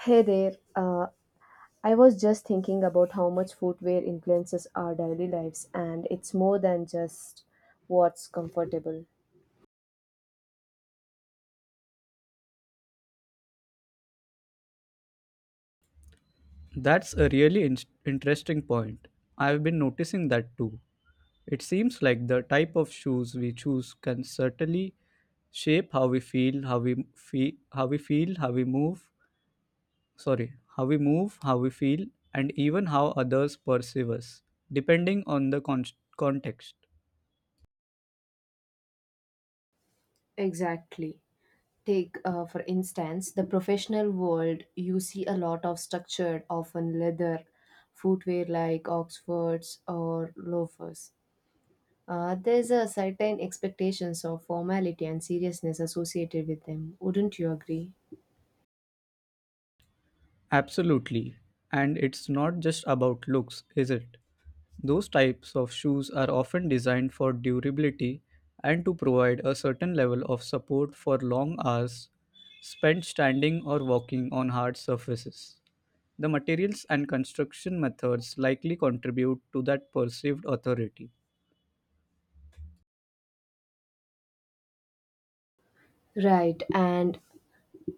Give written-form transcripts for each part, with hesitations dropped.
Hey there. I was just thinking about how much footwear influences our daily lives, and it's more than just what's comfortable. That's a really interesting point. I've been noticing that too. It seems like the type of shoes we choose can certainly shape how we feel, how we feel, how we feel, how we move, sorry, how we move, how we feel, and even how others perceive us, depending on the context. Exactly. Take, for instance, the professional world, you see a lot of structured, often leather footwear like Oxfords or loafers. There's a certain expectations of formality and seriousness associated with them. Wouldn't you agree? Absolutely. And it's not just about looks, is it? Those types of shoes are often designed for durability and to provide a certain level of support for long hours spent standing or walking on hard surfaces. The materials and construction methods likely contribute to that perceived authority. Right, and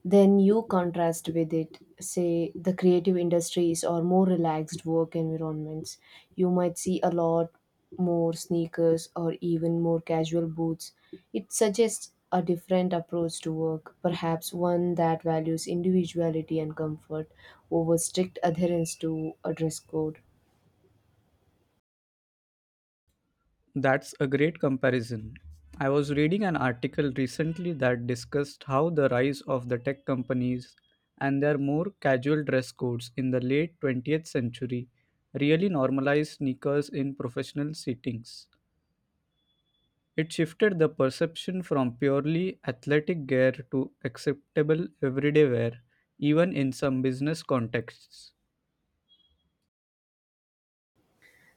then you contrast with it, say the creative industries or more relaxed work environments. You might see a lot more sneakers or even more casual boots. It suggests a different approach to work, perhaps one that values individuality and comfort over strict adherence to a dress code. That's a great comparison. I was reading an article recently that discussed how the rise of the tech companies and their more casual dress codes in the late 20th century really normalized sneakers in professional settings. It shifted the perception from purely athletic gear to acceptable everyday wear, even in some business contexts.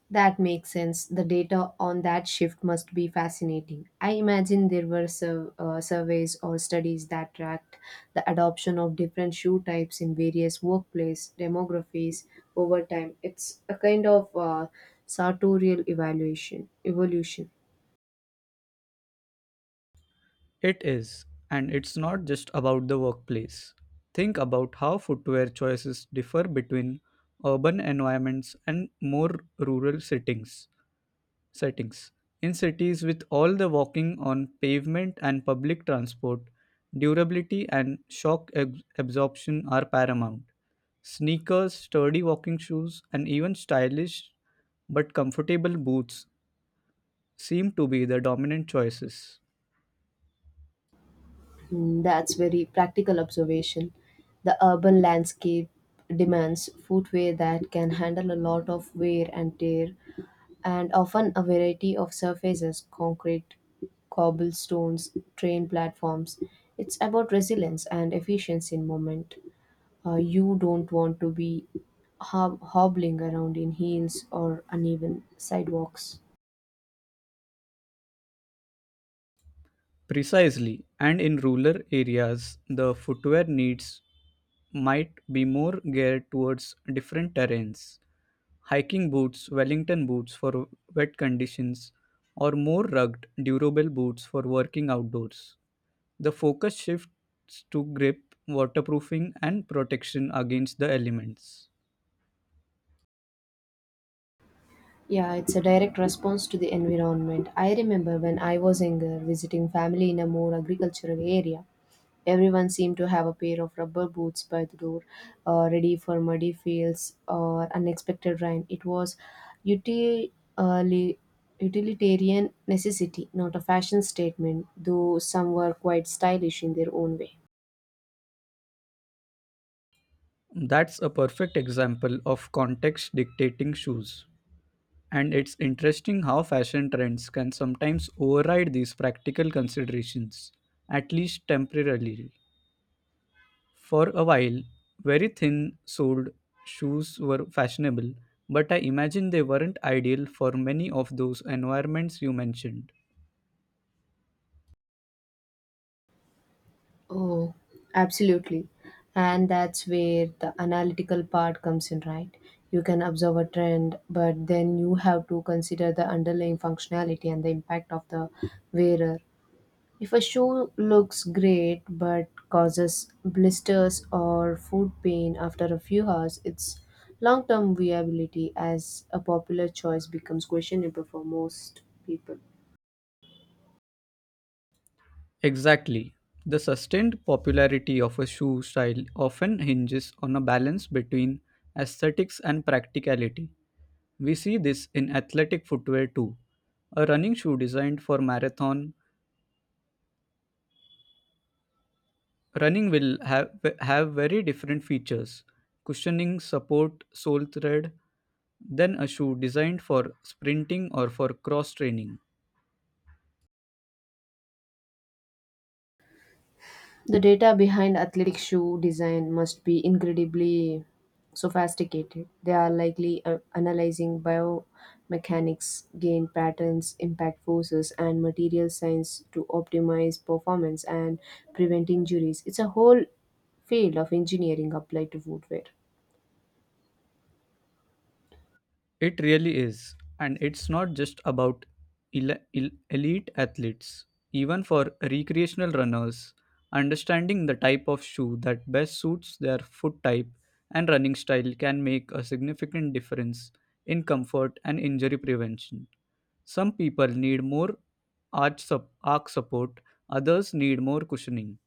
That makes sense. The data on that shift must be fascinating. I imagine there were surveys or studies that tracked the adoption of different shoe types in various workplace demographies over time. It's a kind of sartorial evaluation evolution. It is, and it's not just about the workplace. Think about how footwear choices differ between urban environments and more rural settings. Settings in cities with all the walking on pavement and public transport, durability and absorption are paramount. Sneakers, sturdy walking shoes, and even stylish but comfortable boots seem to be the dominant choices. Mm, that's very practical observation. The urban landscape demands footwear that can handle a lot of wear and tear and often a variety of surfaces concrete, cobblestones, train platforms. It's about resilience and efficiency in movement. You don't want to be hobbling around in heels or uneven sidewalks. Precisely, and in rural areas, the footwear needs might be more geared towards different terrains. Hiking boots, Wellington boots for wet conditions, or more rugged, durable boots for working outdoors. The focus shifts to grip, waterproofing, and protection against the elements. Yeah, it's a direct response to the environment. I remember when I was younger visiting family in a more agricultural area. Everyone seemed to have a pair of rubber boots by the door, ready for muddy fields or unexpected rain. It was util- uh, li- utilitarian necessity, not a fashion statement, though some were quite stylish in their own way. That's a perfect example of context dictating shoes. And it's interesting how fashion trends can sometimes override these practical considerations, at least temporarily. For a while, very thin soled shoes were fashionable, but I imagine they weren't ideal for many of those environments you mentioned. Oh, absolutely. And that's where the analytical part comes in, right? You can observe a trend, but then you have to consider the underlying functionality and the impact of the wearer. If a shoe looks great but causes blisters or foot pain after a few hours, its long term viability as a popular choice becomes questionable for most people. Exactly. The sustained popularity of a shoe style often hinges on a balance between aesthetics and practicality. We see this in athletic footwear too. A running shoe designed for marathon running have very different features: cushioning, support, sole thread, than a shoe designed for sprinting or for cross training. The data behind athletic shoe design must be incredibly sophisticated. They are likely analyzing biomechanics, gain patterns, impact forces, and material science to optimize performance and prevent injuries. It's a whole field of engineering applied to footwear. It really is. And it's not just about elite athletes. Even for recreational runners, understanding the type of shoe that best suits their foot type and running style can make a significant difference in comfort and injury prevention. Some people need more arch support, others need more cushioning.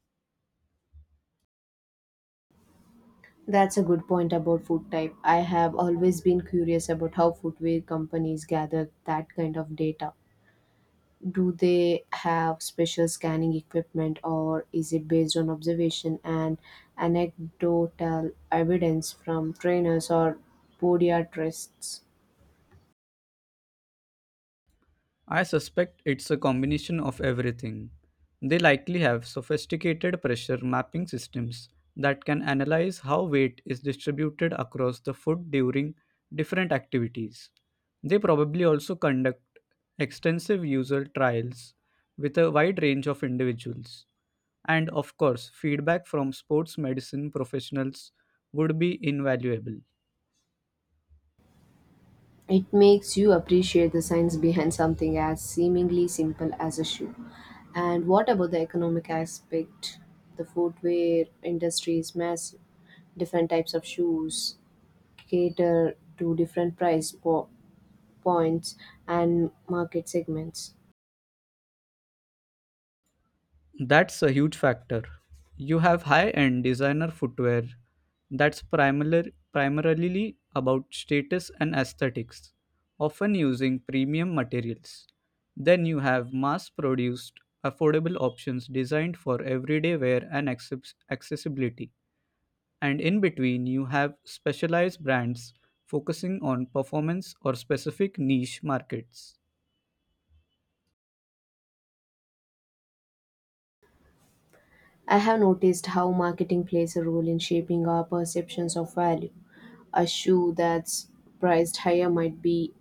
That's a good point about foot type. I have always been curious about how footwear companies gather that kind of data. Do they have special scanning equipment or is it based on observation and anecdotal evidence from trainers or podiatrists? I suspect it's a combination of everything. They likely have sophisticated pressure mapping systems that can analyze how weight is distributed across the food during different activities. They probably also conduct extensive user trials with a wide range of individuals. And of course, feedback from sports medicine professionals would be invaluable. It makes you appreciate the science behind something as seemingly simple as a shoe. And what about the economic aspect? The footwear industry is massive. Different types of shoes cater to different points and market segments. That's a huge factor. You have high-end designer footwear that's primarily about status and aesthetics, often using premium materials. Then you have mass-produced, affordable options designed for everyday wear and accessibility. And in between, you have specialized brands focusing on performance or specific niche markets. I have noticed how marketing plays a role in shaping our perceptions of value. A shoe that's priced higher might be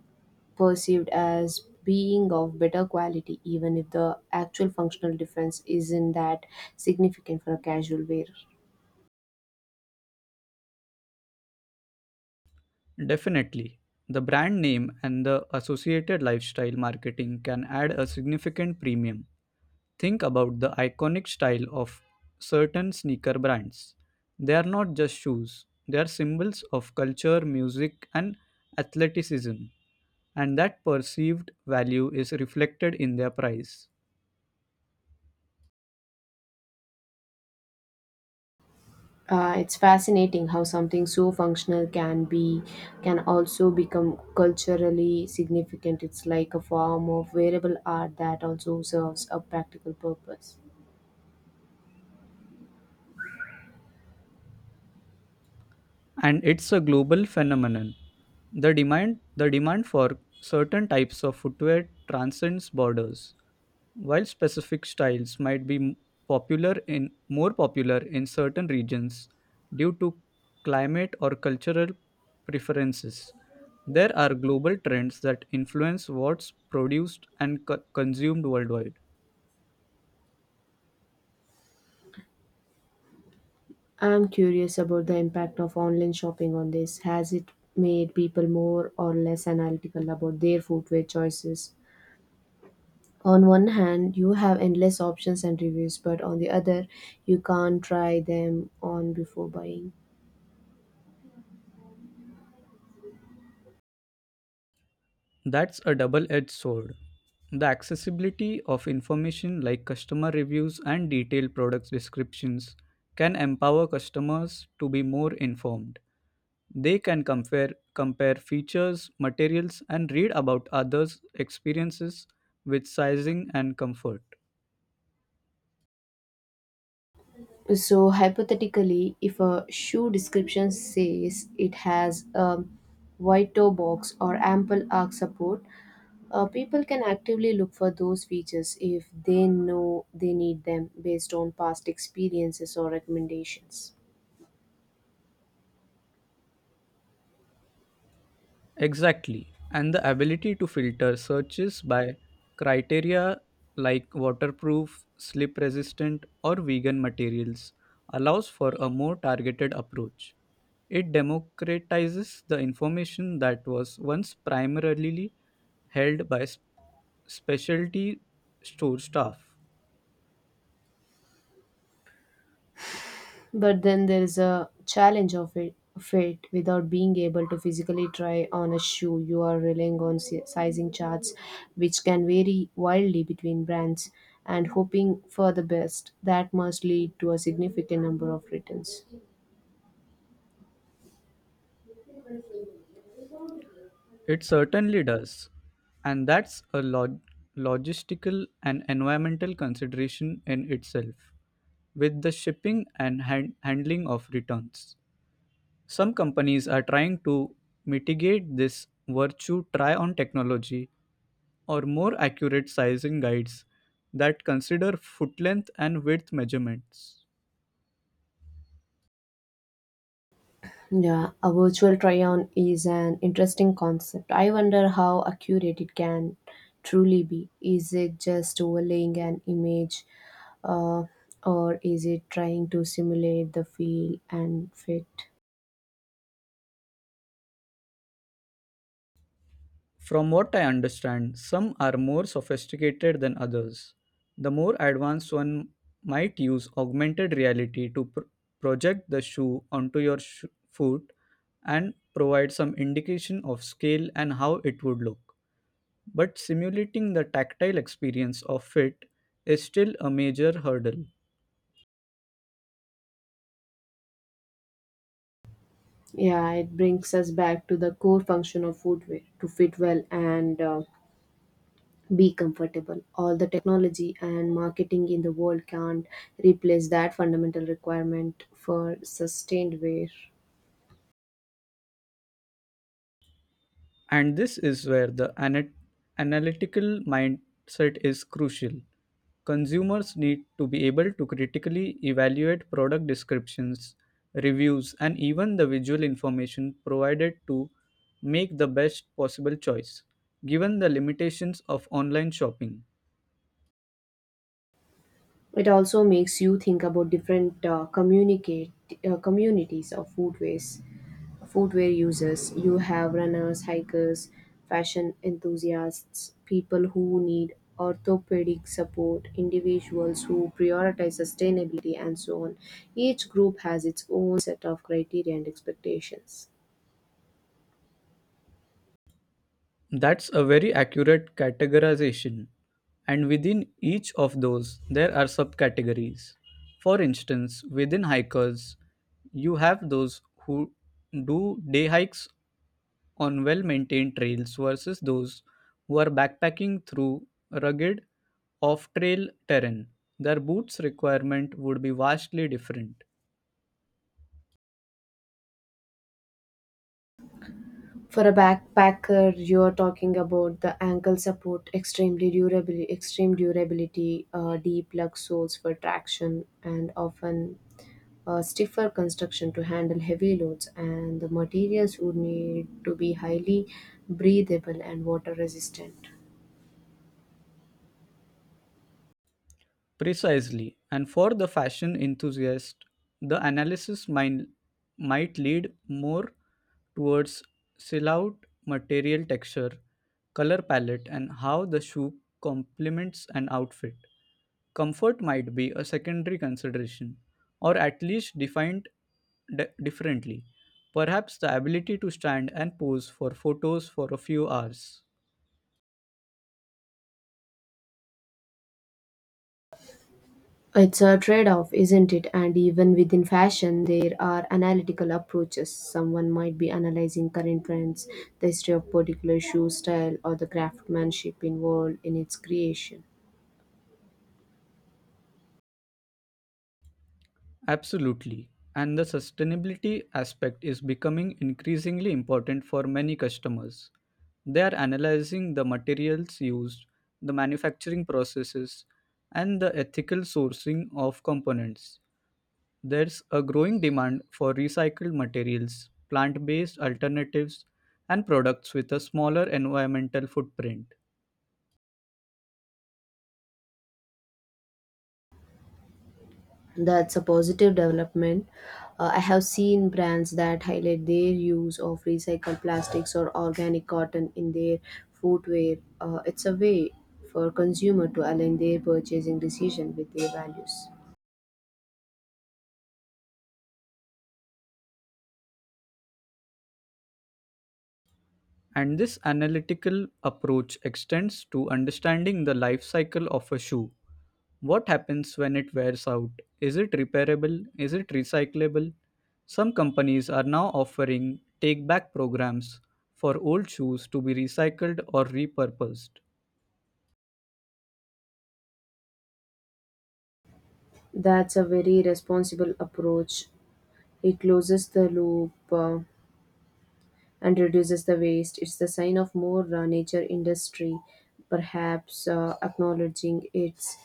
perceived as being of better quality, even if the actual functional difference isn't that significant for a casual wearer. Definitely. The brand name and the associated lifestyle marketing can add a significant premium. Think about the iconic style of certain sneaker brands. They are not just shoes, they are symbols of culture, music, and athleticism, and that perceived value is reflected in their price. It's fascinating how something so functional can be can also become culturally significant. It's like a form of wearable art that also serves a practical purpose. And it's a global phenomenon. The demand for certain types of footwear transcends borders. While specific styles might be m- popular in more popular in certain regions due to climate or cultural preferences, there are global trends that influence what's produced and consumed worldwide. I'm curious about the impact of online shopping on this. Has it made people more or less analytical about their footwear choices? On one hand, you have endless options and reviews, but on the other, you can't try them on before buying. That's a double-edged sword. The accessibility of information like customer reviews and detailed product descriptions can empower customers to be more informed. They can compare features, materials, and read about others' experiences with sizing and comfort. So, hypothetically, if a shoe description says it has a wide toe box or ample arch support, people can actively look for those features if they know they need them based on past experiences or recommendations. Exactly. And the ability to filter searches by criteria like waterproof, slip resistant, or vegan materials allows for a more targeted approach. It democratizes the information that was once primarily held by specialty store staff. But then there is a challenge of it without being able to physically try on a shoe you are relying on sizing charts which can vary wildly between brands and hoping for the best that must lead to a significant number of returns. It certainly does. And that's a logistical and environmental consideration in itself, with the shipping and handling of returns. Some companies are trying to mitigate this virtue try on technology or more accurate sizing guides that consider foot length and width measurements. Yeah, a virtual try on is an interesting concept. I wonder how accurate it can truly be. Is it just overlaying an image, uh, or is it trying to simulate the feel and fit? From what I understand, some are more sophisticated than others. The more advanced one might use augmented reality to project the shoe onto your foot and provide some indication of scale and how it would look. But simulating the tactile experience of fit is still a major hurdle. Yeah, it brings us back to the core function of footwear to fit well and be comfortable. All the technology and marketing in the world can't replace that fundamental requirement for sustained wear. And this is where the analytical mindset is crucial. Consumers need to be able to critically evaluate product descriptions, reviews, and even the visual information provided to make the best possible choice, given the limitations of online shopping. It also makes you think about different communicate communities of food footwear users. You have runners, hikers, fashion enthusiasts, people who need orthopedic support, individuals who prioritize sustainability, and so on. Each group has its own set of criteria and expectations. That's a very accurate categorization. And within each of those, there are subcategories. For instance, within hikers, you have those who do day hikes on well maintained trails versus those who are backpacking through rugged off trail terrain. Their boots requirement would be vastly different. For a backpacker, you're talking about the ankle support, extreme durability, deep lug soles for traction, and often stiffer construction to handle heavy loads. And the materials would need to be highly breathable and water resistant. Precisely. And for the fashion enthusiast, the analysis might, might lead more towards silhouette, material texture, color palette, and how the shoe complements an outfit. Comfort might be a secondary consideration, or at least defined differently. Perhaps the ability to stand and pose for photos for a few hours. It's a trade-off, isn't it? And even within fashion, there are analytical approaches. Someone might be analyzing current trends, the history of particular shoe style, or the craftsmanship involved in its creation. Absolutely. And the sustainability aspect is becoming increasingly important for many customers. They are analyzing the materials used, the manufacturing processes, and the ethical sourcing of components. There's a growing demand for recycled materials, plant based alternatives, and products with a smaller environmental footprint. That's a positive development. I have seen brands that highlight their use of recycled plastics or organic cotton in their footwear. It's a way for consumer to align their purchasing decision with their values. And this analytical approach extends to understanding the life cycle of a shoe. What happens when it wears out? Is it repairable? Is it recyclable? Some companies are now offering take back programs for old shoes to be recycled or repurposed. That's a very responsible approach. It closes the loop and reduces the waste. It's the sign of more nature industry, perhaps acknowledging its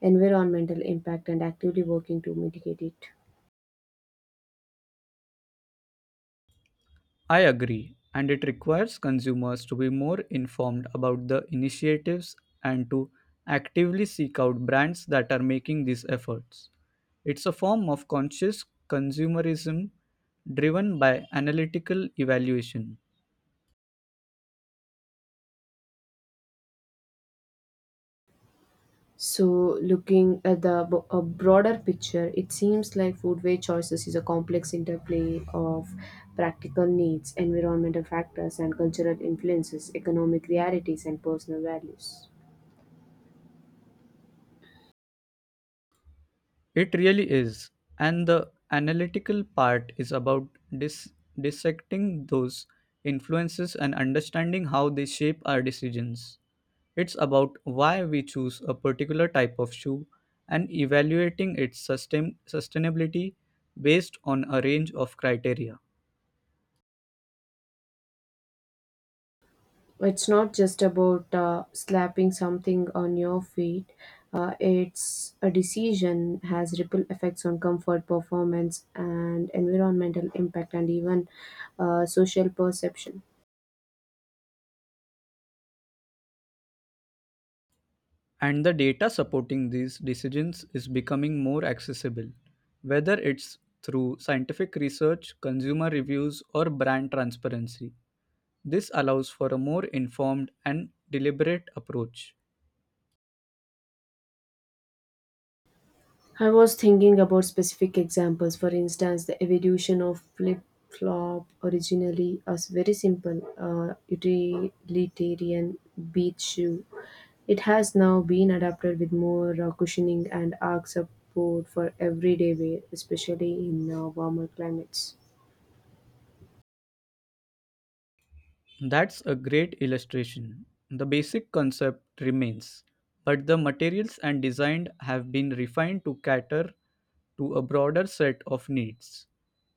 environmental impact and actively working to mitigate it. I agree, and it requires consumers to be more informed about the initiatives and to actively seek out brands that are making these efforts. It's a form of conscious consumerism driven by analytical evaluation. So, looking at the a broader picture, it seems like foodway choices is a complex interplay of practical needs, environmental factors, and cultural influences, economic realities, and personal values. It really is. And the analytical part is about dis- dissecting those influences and understanding how they shape our decisions. It's about why we choose a particular type of shoe and evaluating its sustainability based on a range of criteria. It's not just about slapping something on your feet. It's a decision has ripple effects on comfort, performance, and environmental impact, and even social perception. And the data supporting these decisions is becoming more accessible, whether it's through scientific research, consumer reviews, or brand transparency. This allows for a more informed and deliberate approach. I was thinking about specific examples. For instance, the evolution of flip flop, originally a very simple utilitarian beach shoe. It has now been adapted with more cushioning and arch support for everyday wear, especially in warmer climates. That's a great illustration. The basic concept remains, but the materials and design have been refined to cater to a broader set of needs.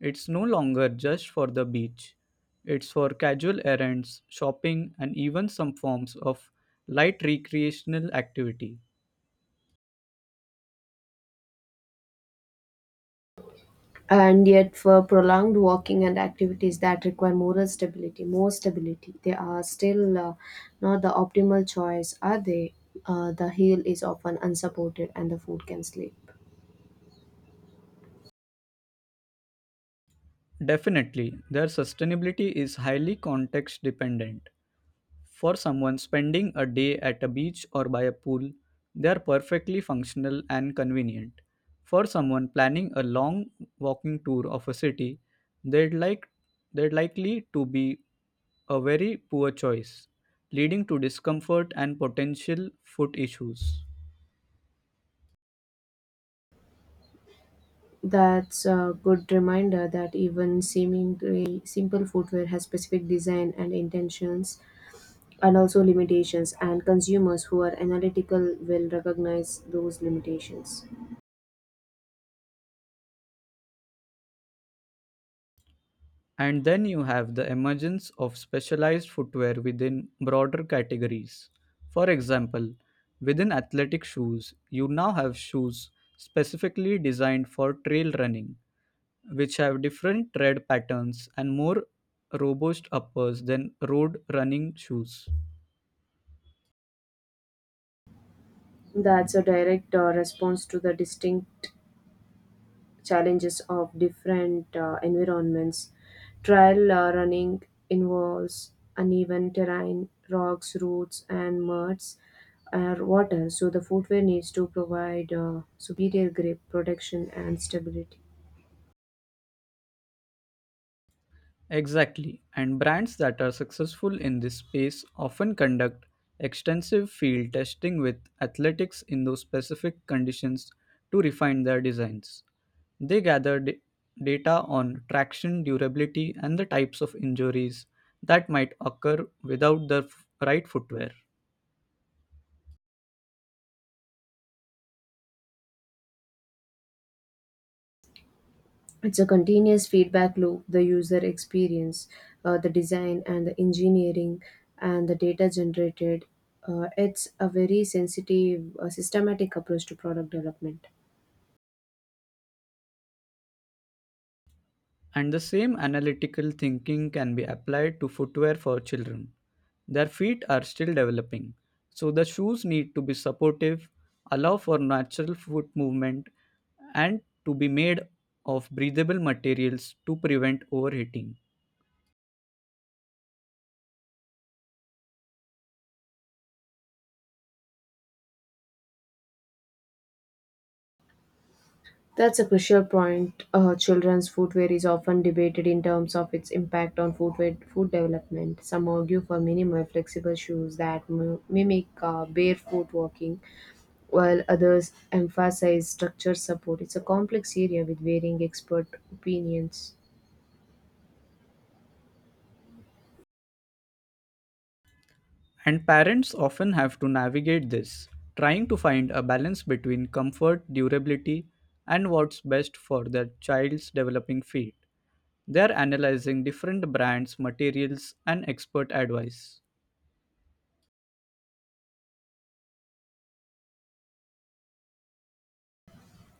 It's no longer just for the beach, it's for casual errands, shopping, and even some forms of light recreational activity. And yet for prolonged walking and activities that require moral stability more stability, they are still not the optimal choice, are they? The heel is often unsupported and the foot can slip. Definitely, their sustainability is highly context dependent. For someone spending a day at a beach or by a pool, they are perfectly functional and convenient. For someone planning a long walking tour of a city, they'd like they're likely to be a very poor choice, leading to discomfort and potential foot issues. That's a good reminder that even seemingly simple footwear has specific design and intentions and also limitations, and consumers who are analytical will recognize those limitations. And then you have the emergence of specialized footwear within broader categories. For example, within athletic shoes, you now have shoes specifically designed for trail running, which have different tread patterns and more robust uppers than road running shoes. That's a direct response to the distinct challenges of different environments. Trail running involves uneven terrain, rocks, roots, and muds or water, so the footwear needs to provide superior grip, protection, and stability. Exactly, and brands that are successful in this space often conduct extensive field testing with athletics in those specific conditions to refine their designs. They gather data on traction, durability, and the types of injuries that might occur without the right footwear. It's a continuous feedback loop, the user experience, the design, and the engineering, and the data generated. It's a very sensitive, systematic approach to product development. And the same analytical thinking can be applied to footwear for children. Their feet are still developing, so the shoes need to be supportive, allow for natural foot movement, and to be made of breathable materials to prevent overheating. That's a crucial point. Children's footwear is often debated in terms of its impact on footwear, foot development. Some argue for minimal, flexible shoes that mimic barefoot walking, while others emphasize structure support. It's a complex area with varying expert opinions. And parents often have to navigate this, trying to find a balance between comfort, durability, and what's best for their child's developing feet. They're analyzing different brands, materials, and expert advice.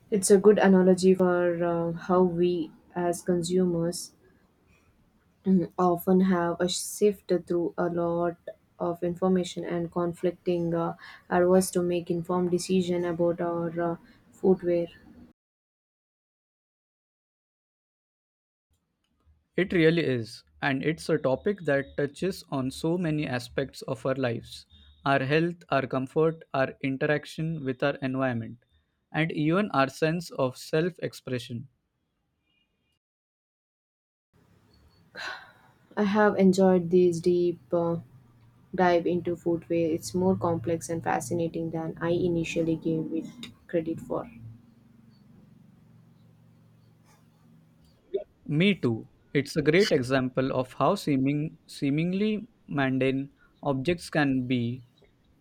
It's a good analogy for how we, as consumers, mm, often have a sift through a lot of information and conflicting advice to make informed decision about our footwear. It really is, and it's a topic that touches on so many aspects of our lives: our health, our comfort, our interaction with our environment, and even our sense of self expression. I have enjoyed this deep dive into footwear. It's more complex and fascinating than I initially gave it credit for. Me too. It's a great example of how seemingly mundane objects can be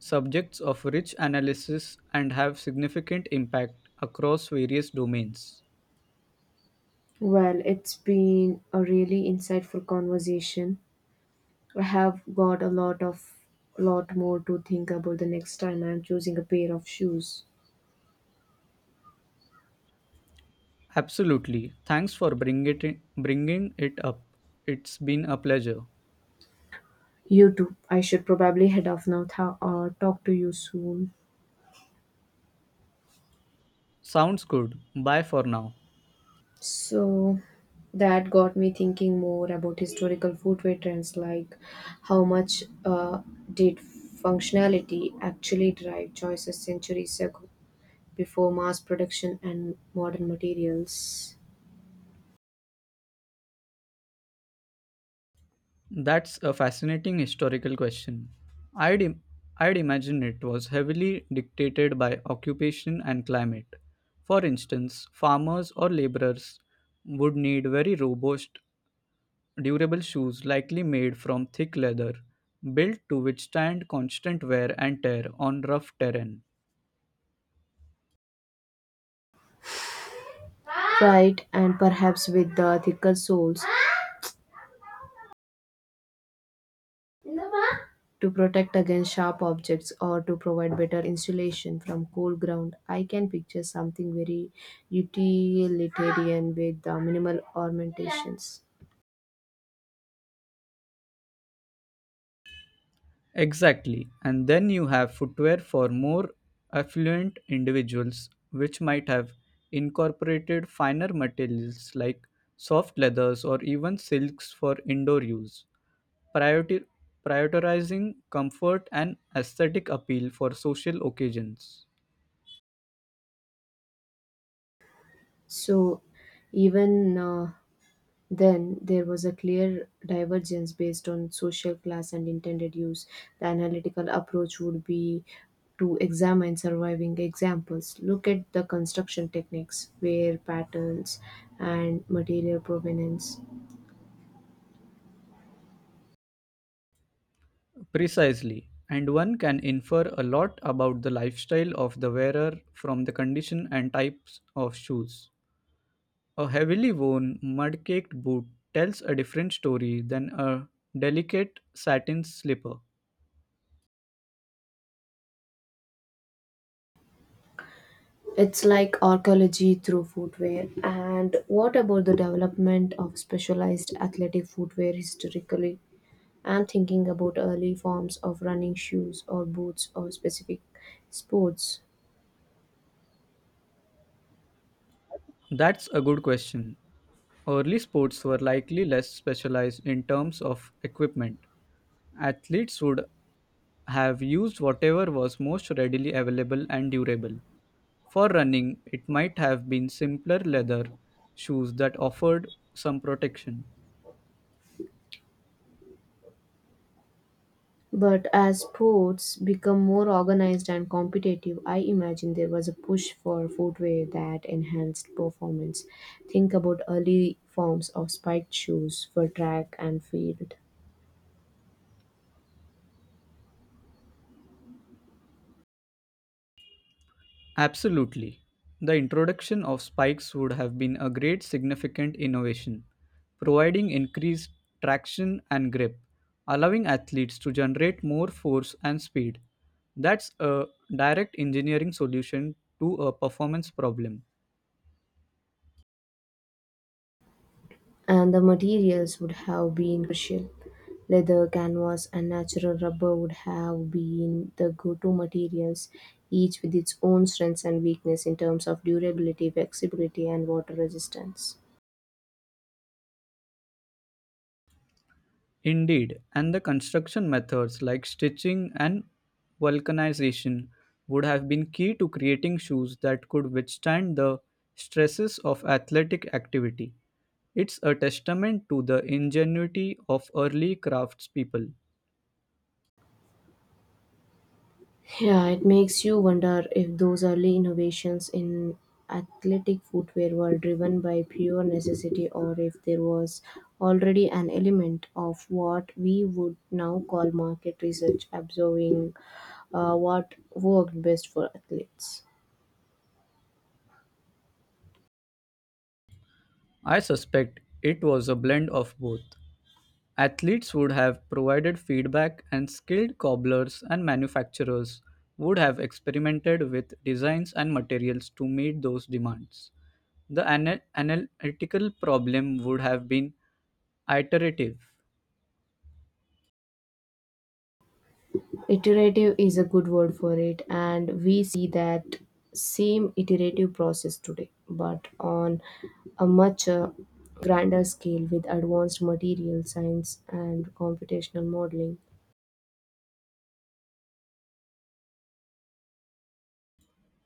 subjects of rich analysis and have significant impact across various domains. Well, it's been a really insightful conversation. I have got a lot of lot more to think about the next time I'm choosing a pair of shoes. Absolutely. Thanks for bringing it up. It's been a pleasure. You too. I should probably head off now. Talk to you soon. Sounds good. Bye for now. So that got me thinking more about historical footwear trends, like how much did functionality actually drive choices centuries ago before mass production and modern materials? That's a fascinating historical question. I'd, im- I'd imagine it was heavily dictated by occupation and climate. For instance, farmers or laborers would need very robust, durable shoes likely made from thick leather, built to withstand constant wear and tear on rough terrain. Right, and perhaps with the thicker soles, to protect against sharp objects or to provide better insulation from cool ground. I can picture something very utilitarian with minimal ornamentations. Exactly. And then you have footwear for more affluent individuals, which might have incorporated finer materials like soft leathers or even silks for indoor use, priority- prioritizing comfort and aesthetic appeal for social occasions. So, even then, there was a clear divergence based on social class and intended use. The analytical approach would be to examine surviving examples. Look at the construction techniques, wear patterns, and material provenance. Precisely. And one can infer a lot about the lifestyle of the wearer from the condition and types of shoes. A heavily worn, mud caked boot tells a different story than a delicate satin slipper. It's like archaeology through footwear. And what about the development of specialized athletic footwear historically? I'm thinking about early forms of running shoes or boots or specific sports. That's a good question. Early sports were likely less specialized in terms of equipment. Athletes would have used whatever was most readily available and durable. For running, it might have been simpler leather shoes that offered some protection. But as sports become more organized and competitive, I imagine there was a push for footwear that enhanced performance. Think about early forms of spiked shoes for track and field. Absolutely. The introduction of spikes would have been a great significant innovation, providing increased traction and grip, allowing athletes to generate more force and speed. That's a direct engineering solution to a performance problem. And the materials would have been crucial. Leather, canvas, and natural rubber would have been the go to materials, each with its own strengths and weakness in terms of durability, flexibility, and water resistance. Indeed, and the construction methods like stitching and vulcanization would have been key to creating shoes that could withstand the stresses of athletic activity. It's a testament to the ingenuity of early craftspeople. Yeah, it makes you wonder if those early innovations in athletic footwear were driven by pure necessity or if there was already an element of what we would now call market research, observing what worked best for athletes. I suspect it was a blend of both. Athletes would have provided feedback, and skilled cobblers and manufacturers would have experimented with designs and materials to meet those demands. The analytical problem would have been iterative. Iterative is a good word for it, and we see that same iterative process today, but on a much grander scale, with advanced material science and computational modeling.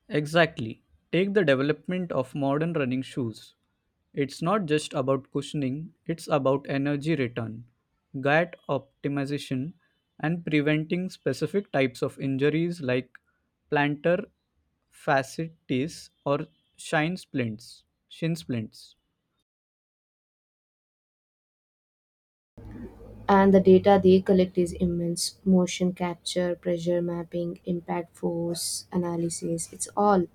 Exactly. Take the development of modern running shoes. It's not just about cushioning, it's about energy return, gait optimization, and preventing specific types of injuries like plantar fasciitis or shin splints. And the data they collect is immense. Motion capture, pressure mapping, impact force analysis, it's all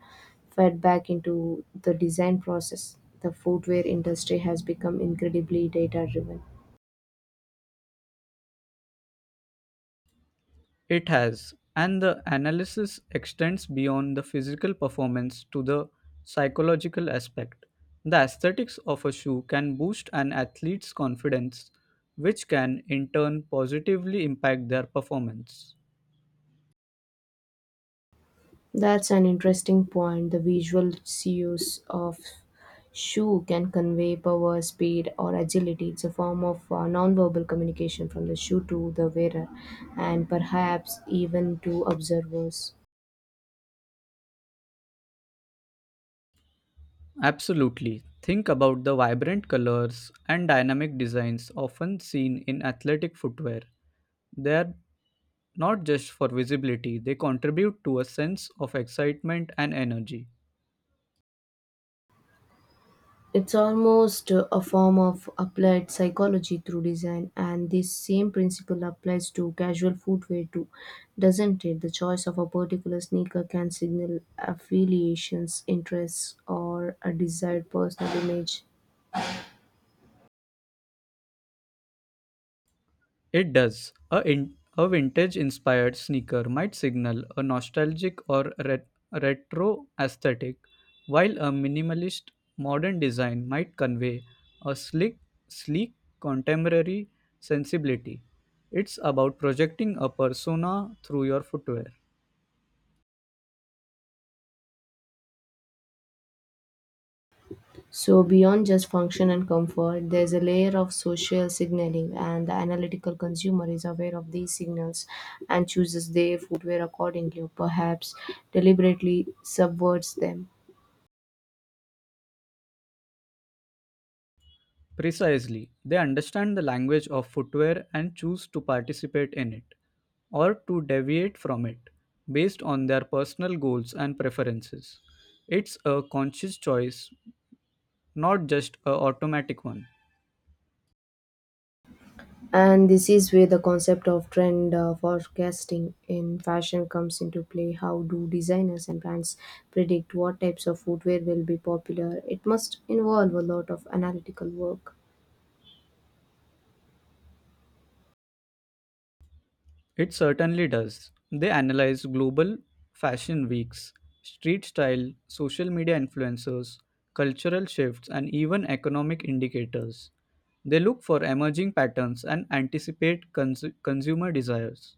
fed back into the design process. The footwear industry has become incredibly data driven. It has, and the analysis extends beyond the physical performance to the psychological aspect. The aesthetics of a shoe can boost an athlete's confidence, which can in turn positively impact their performance. That's an interesting point. The visual cues of shoe can convey power, speed, or agility. It's a form of nonverbal communication from the shoe to the wearer and perhaps even to observers. Absolutely. Think about the vibrant colors and dynamic designs often seen in athletic footwear. They are not just for visibility, they contribute to a sense of excitement and energy. It's almost a form of applied psychology through design, and this same principle applies to casual footwear too, doesn't it? The choice of a particular sneaker can signal affiliations, interests, or a desired personal image. It does. A vintage inspired sneaker might signal a nostalgic or retro aesthetic, while a minimalist modern design might convey a slick, sleek contemporary sensibility. It's about projecting a persona through your footwear. So, beyond just function and comfort, there's a layer of social signaling, and the analytical consumer is aware of these signals and chooses their footwear accordingly, or perhaps deliberately subverts them. Precisely, they understand the language of footwear and choose to participate in it or to deviate from it based on their personal goals and preferences. It's a conscious choice, not just a automatic one. And this is where the concept of trend forecasting in fashion comes into play. How do designers and brands predict what types of footwear will be popular? It must involve a lot of analytical work. It certainly does. They analyze global fashion weeks, street style, social media influencers, cultural shifts, and even economic indicators. They look for emerging patterns and anticipate consumer desires.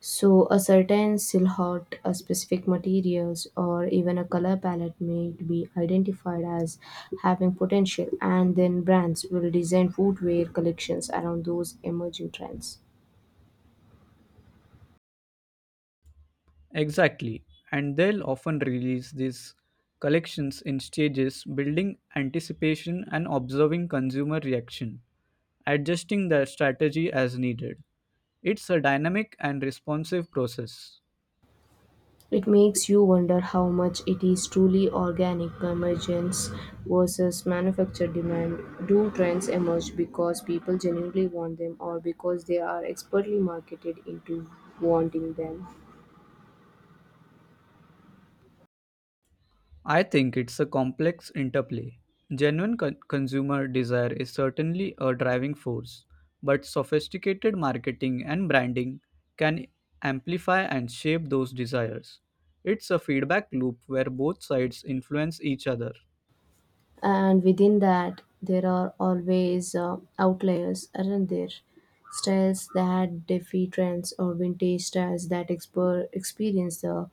So, a certain silhouette, a specific materials, or even a color palette may be identified as having potential, and then brands will design footwear collections around those emerging trends. Exactly. And they'll often release these collections in stages, building anticipation and observing consumer reaction, adjusting their strategy as needed. It's a dynamic and responsive process. It makes you wonder how much it is truly organic emergence versus manufactured demand. Do trends emerge because people genuinely want them, or because they are expertly marketed into wanting them? I think it's a complex interplay. Genuine consumer desire is certainly a driving force, but sophisticated marketing and branding can amplify and shape those desires. It's a feedback loop where both sides influence each other. And within that, there are always outliers, aren't there? Styles that defy trends, or vintage styles that experience the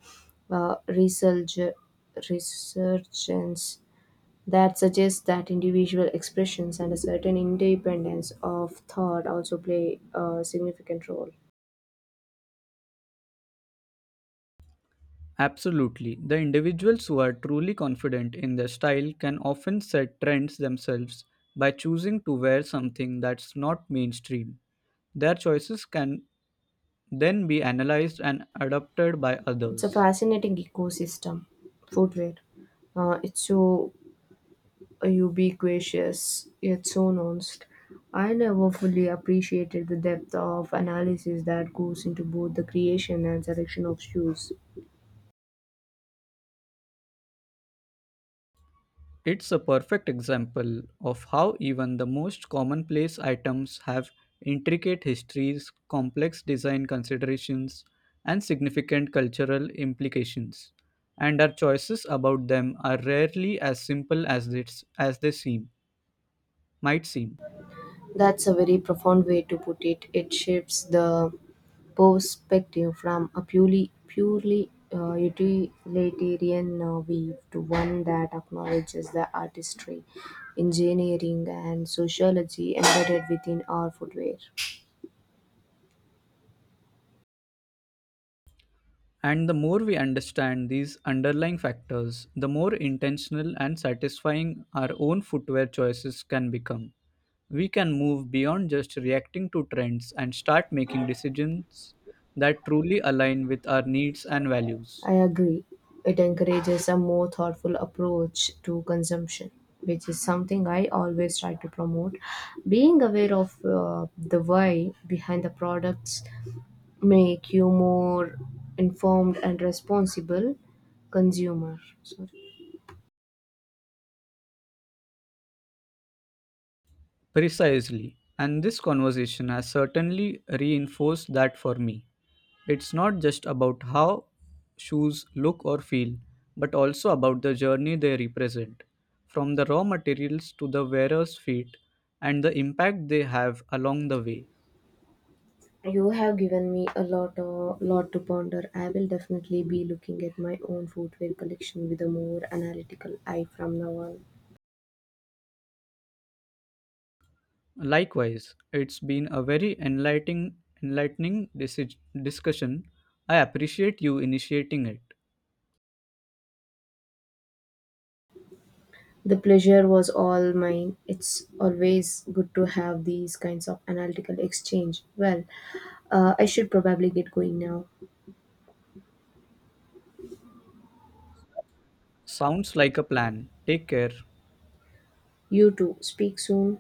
uh, resurg- resurgence, that suggests that individual expressions and a certain independence of thought also play a significant role. Absolutely. The individuals who are truly confident in their style can often set trends themselves by choosing to wear something that's not mainstream. Their choices can then be analyzed and adopted by It's a others. fascinating ecosystem, footwear. It's so ubiquitous yet so nuanced. I never fully appreciated the depth of analysis that goes into both the creation and selection of shoes. It's a perfect example of how even the most commonplace items have intricate histories, complex design considerations, and significant cultural implications, and our choices about them are rarely as simple as they might seem. That's a very profound way to put it. It shifts the perspective from a purely utilitarian view to one that acknowledges the artistry, engineering, and sociology embedded within our footwear. And the more we understand these underlying factors, the more intentional and satisfying our own footwear choices can become. We can move beyond just reacting to trends and start making decisions that truly align with our needs and values. I agree. It encourages a more thoughtful approach to consumption, which is something I always try to promote. Being aware of the why behind the products make you more informed and responsible consumer. Sorry. Precisely. And this conversation has certainly reinforced that for me. It's not just about how shoes look or feel, but also about the journey they represent, from the raw materials to the wearer's feet and the impact they have along the way. You have given me lot to ponder. I will definitely be looking at my own footwear collection with a more analytical eye from now on. Likewise, it's been a very enlightening discussion. I appreciate you initiating it. The pleasure was all mine. It's always good to have these kinds of analytical exchange. I should probably get going now. Sounds like a plan. Take care. You too. Speak soon.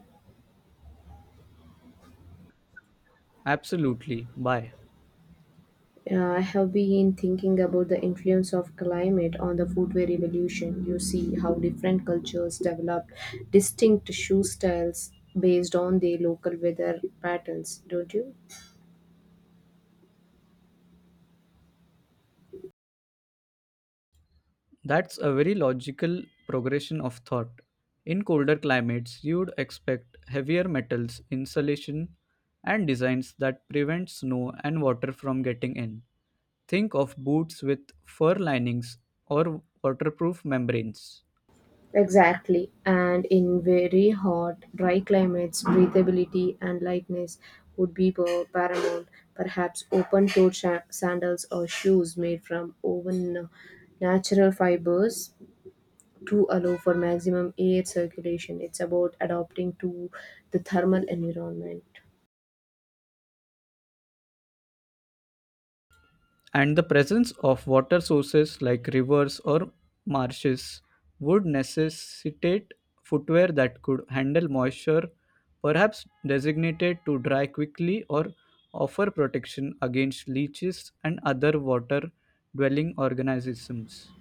Absolutely. Bye. I have been thinking about the influence of climate on the footwear evolution. You see how different cultures developed distinct shoe styles based on their local weather patterns, don't you? That's a very logical progression of thought. In colder climates, you'd expect heavier metals, insulation, and designs that prevent snow and water from getting in. Think of boots with fur linings or waterproof membranes. Exactly. And in very hot, dry climates, breathability and lightness would be paramount. Perhaps open toed sandals or shoes made from woven natural fibers to allow for maximum air circulation. It's about adapting to the thermal environment. And the presence of water sources like rivers or marshes would necessitate footwear that could handle moisture, perhaps designated to dry quickly or offer protection against leeches and other water dwelling organisms.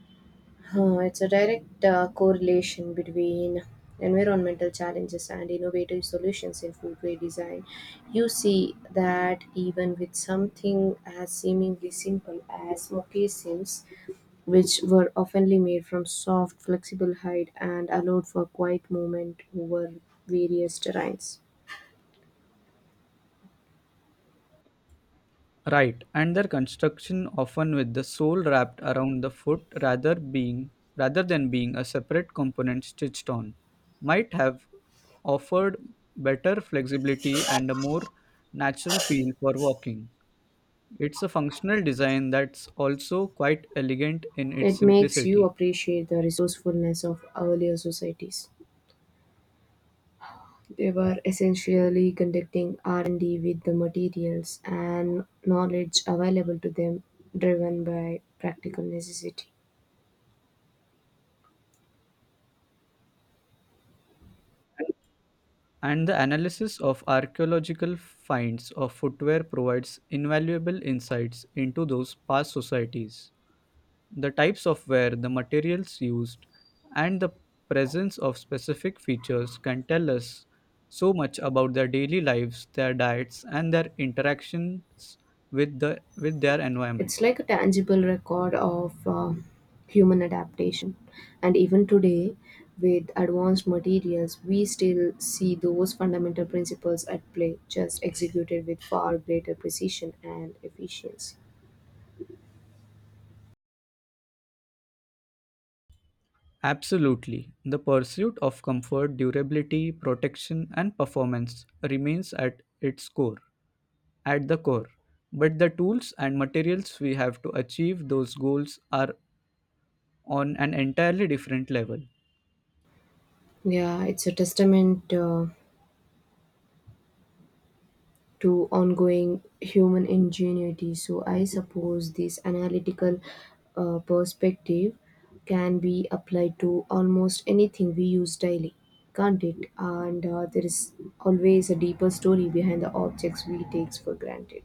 It's a direct correlation between environmental challenges and innovative solutions in foodway design. You see that even with something as seemingly simple as moccasins, which were oftenly made from soft, flexible hide and allowed for quiet movement over various terrains. Right, and their construction, often with the sole wrapped around the foot rather than being a separate component stitched on, might have offered better flexibility and a more natural feel for walking. It's a functional design that's also quite elegant in its It makes you simplicity. appreciate the resourcefulness of earlier societies. They were essentially conducting R&D with the materials and knowledge available to them, driven by practical necessity. And the analysis of archaeological finds of footwear provides invaluable insights into those past societies. The types of wear, the materials used, and the presence of specific features can tell us so much about their daily lives, their diets, and their interactions with their environment. It's like a tangible record of human adaptation. And even today, with advanced materials, we still see those fundamental principles at play, just executed with far greater precision and efficiency. Absolutely. The pursuit of comfort, durability, protection, and performance remains at its core. At the core. But the tools and materials we have to achieve those goals are on an entirely different level. Yeah, it's a testament. To ongoing human ingenuity. So I suppose this analytical perspective can be applied to almost anything we use daily, can't it? And there is always a deeper story behind the objects we take for granted.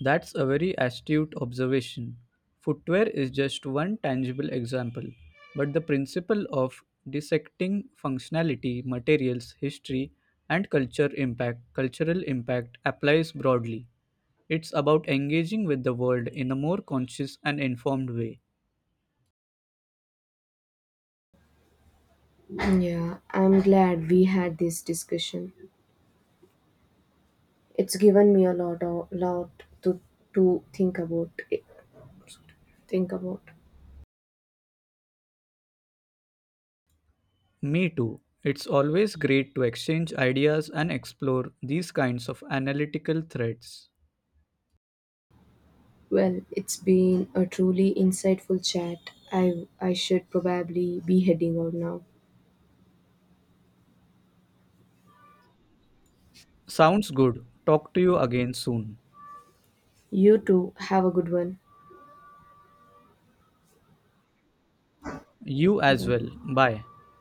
That's a very astute observation. Footwear is just one tangible example, but the principle of dissecting functionality, materials, history, and cultural impact applies broadly. It's about engaging with the world in a more conscious and informed way. Yeah, I'm glad we had this discussion. It's given me a lot to think about. Think about. Me too. It's always great to exchange ideas and explore these kinds of analytical threads. Well, it's been a truly insightful chat. I should probably be heading out now. Sounds good. Talk to you again soon. You too. Have a good one. You as well. Bye. Bye.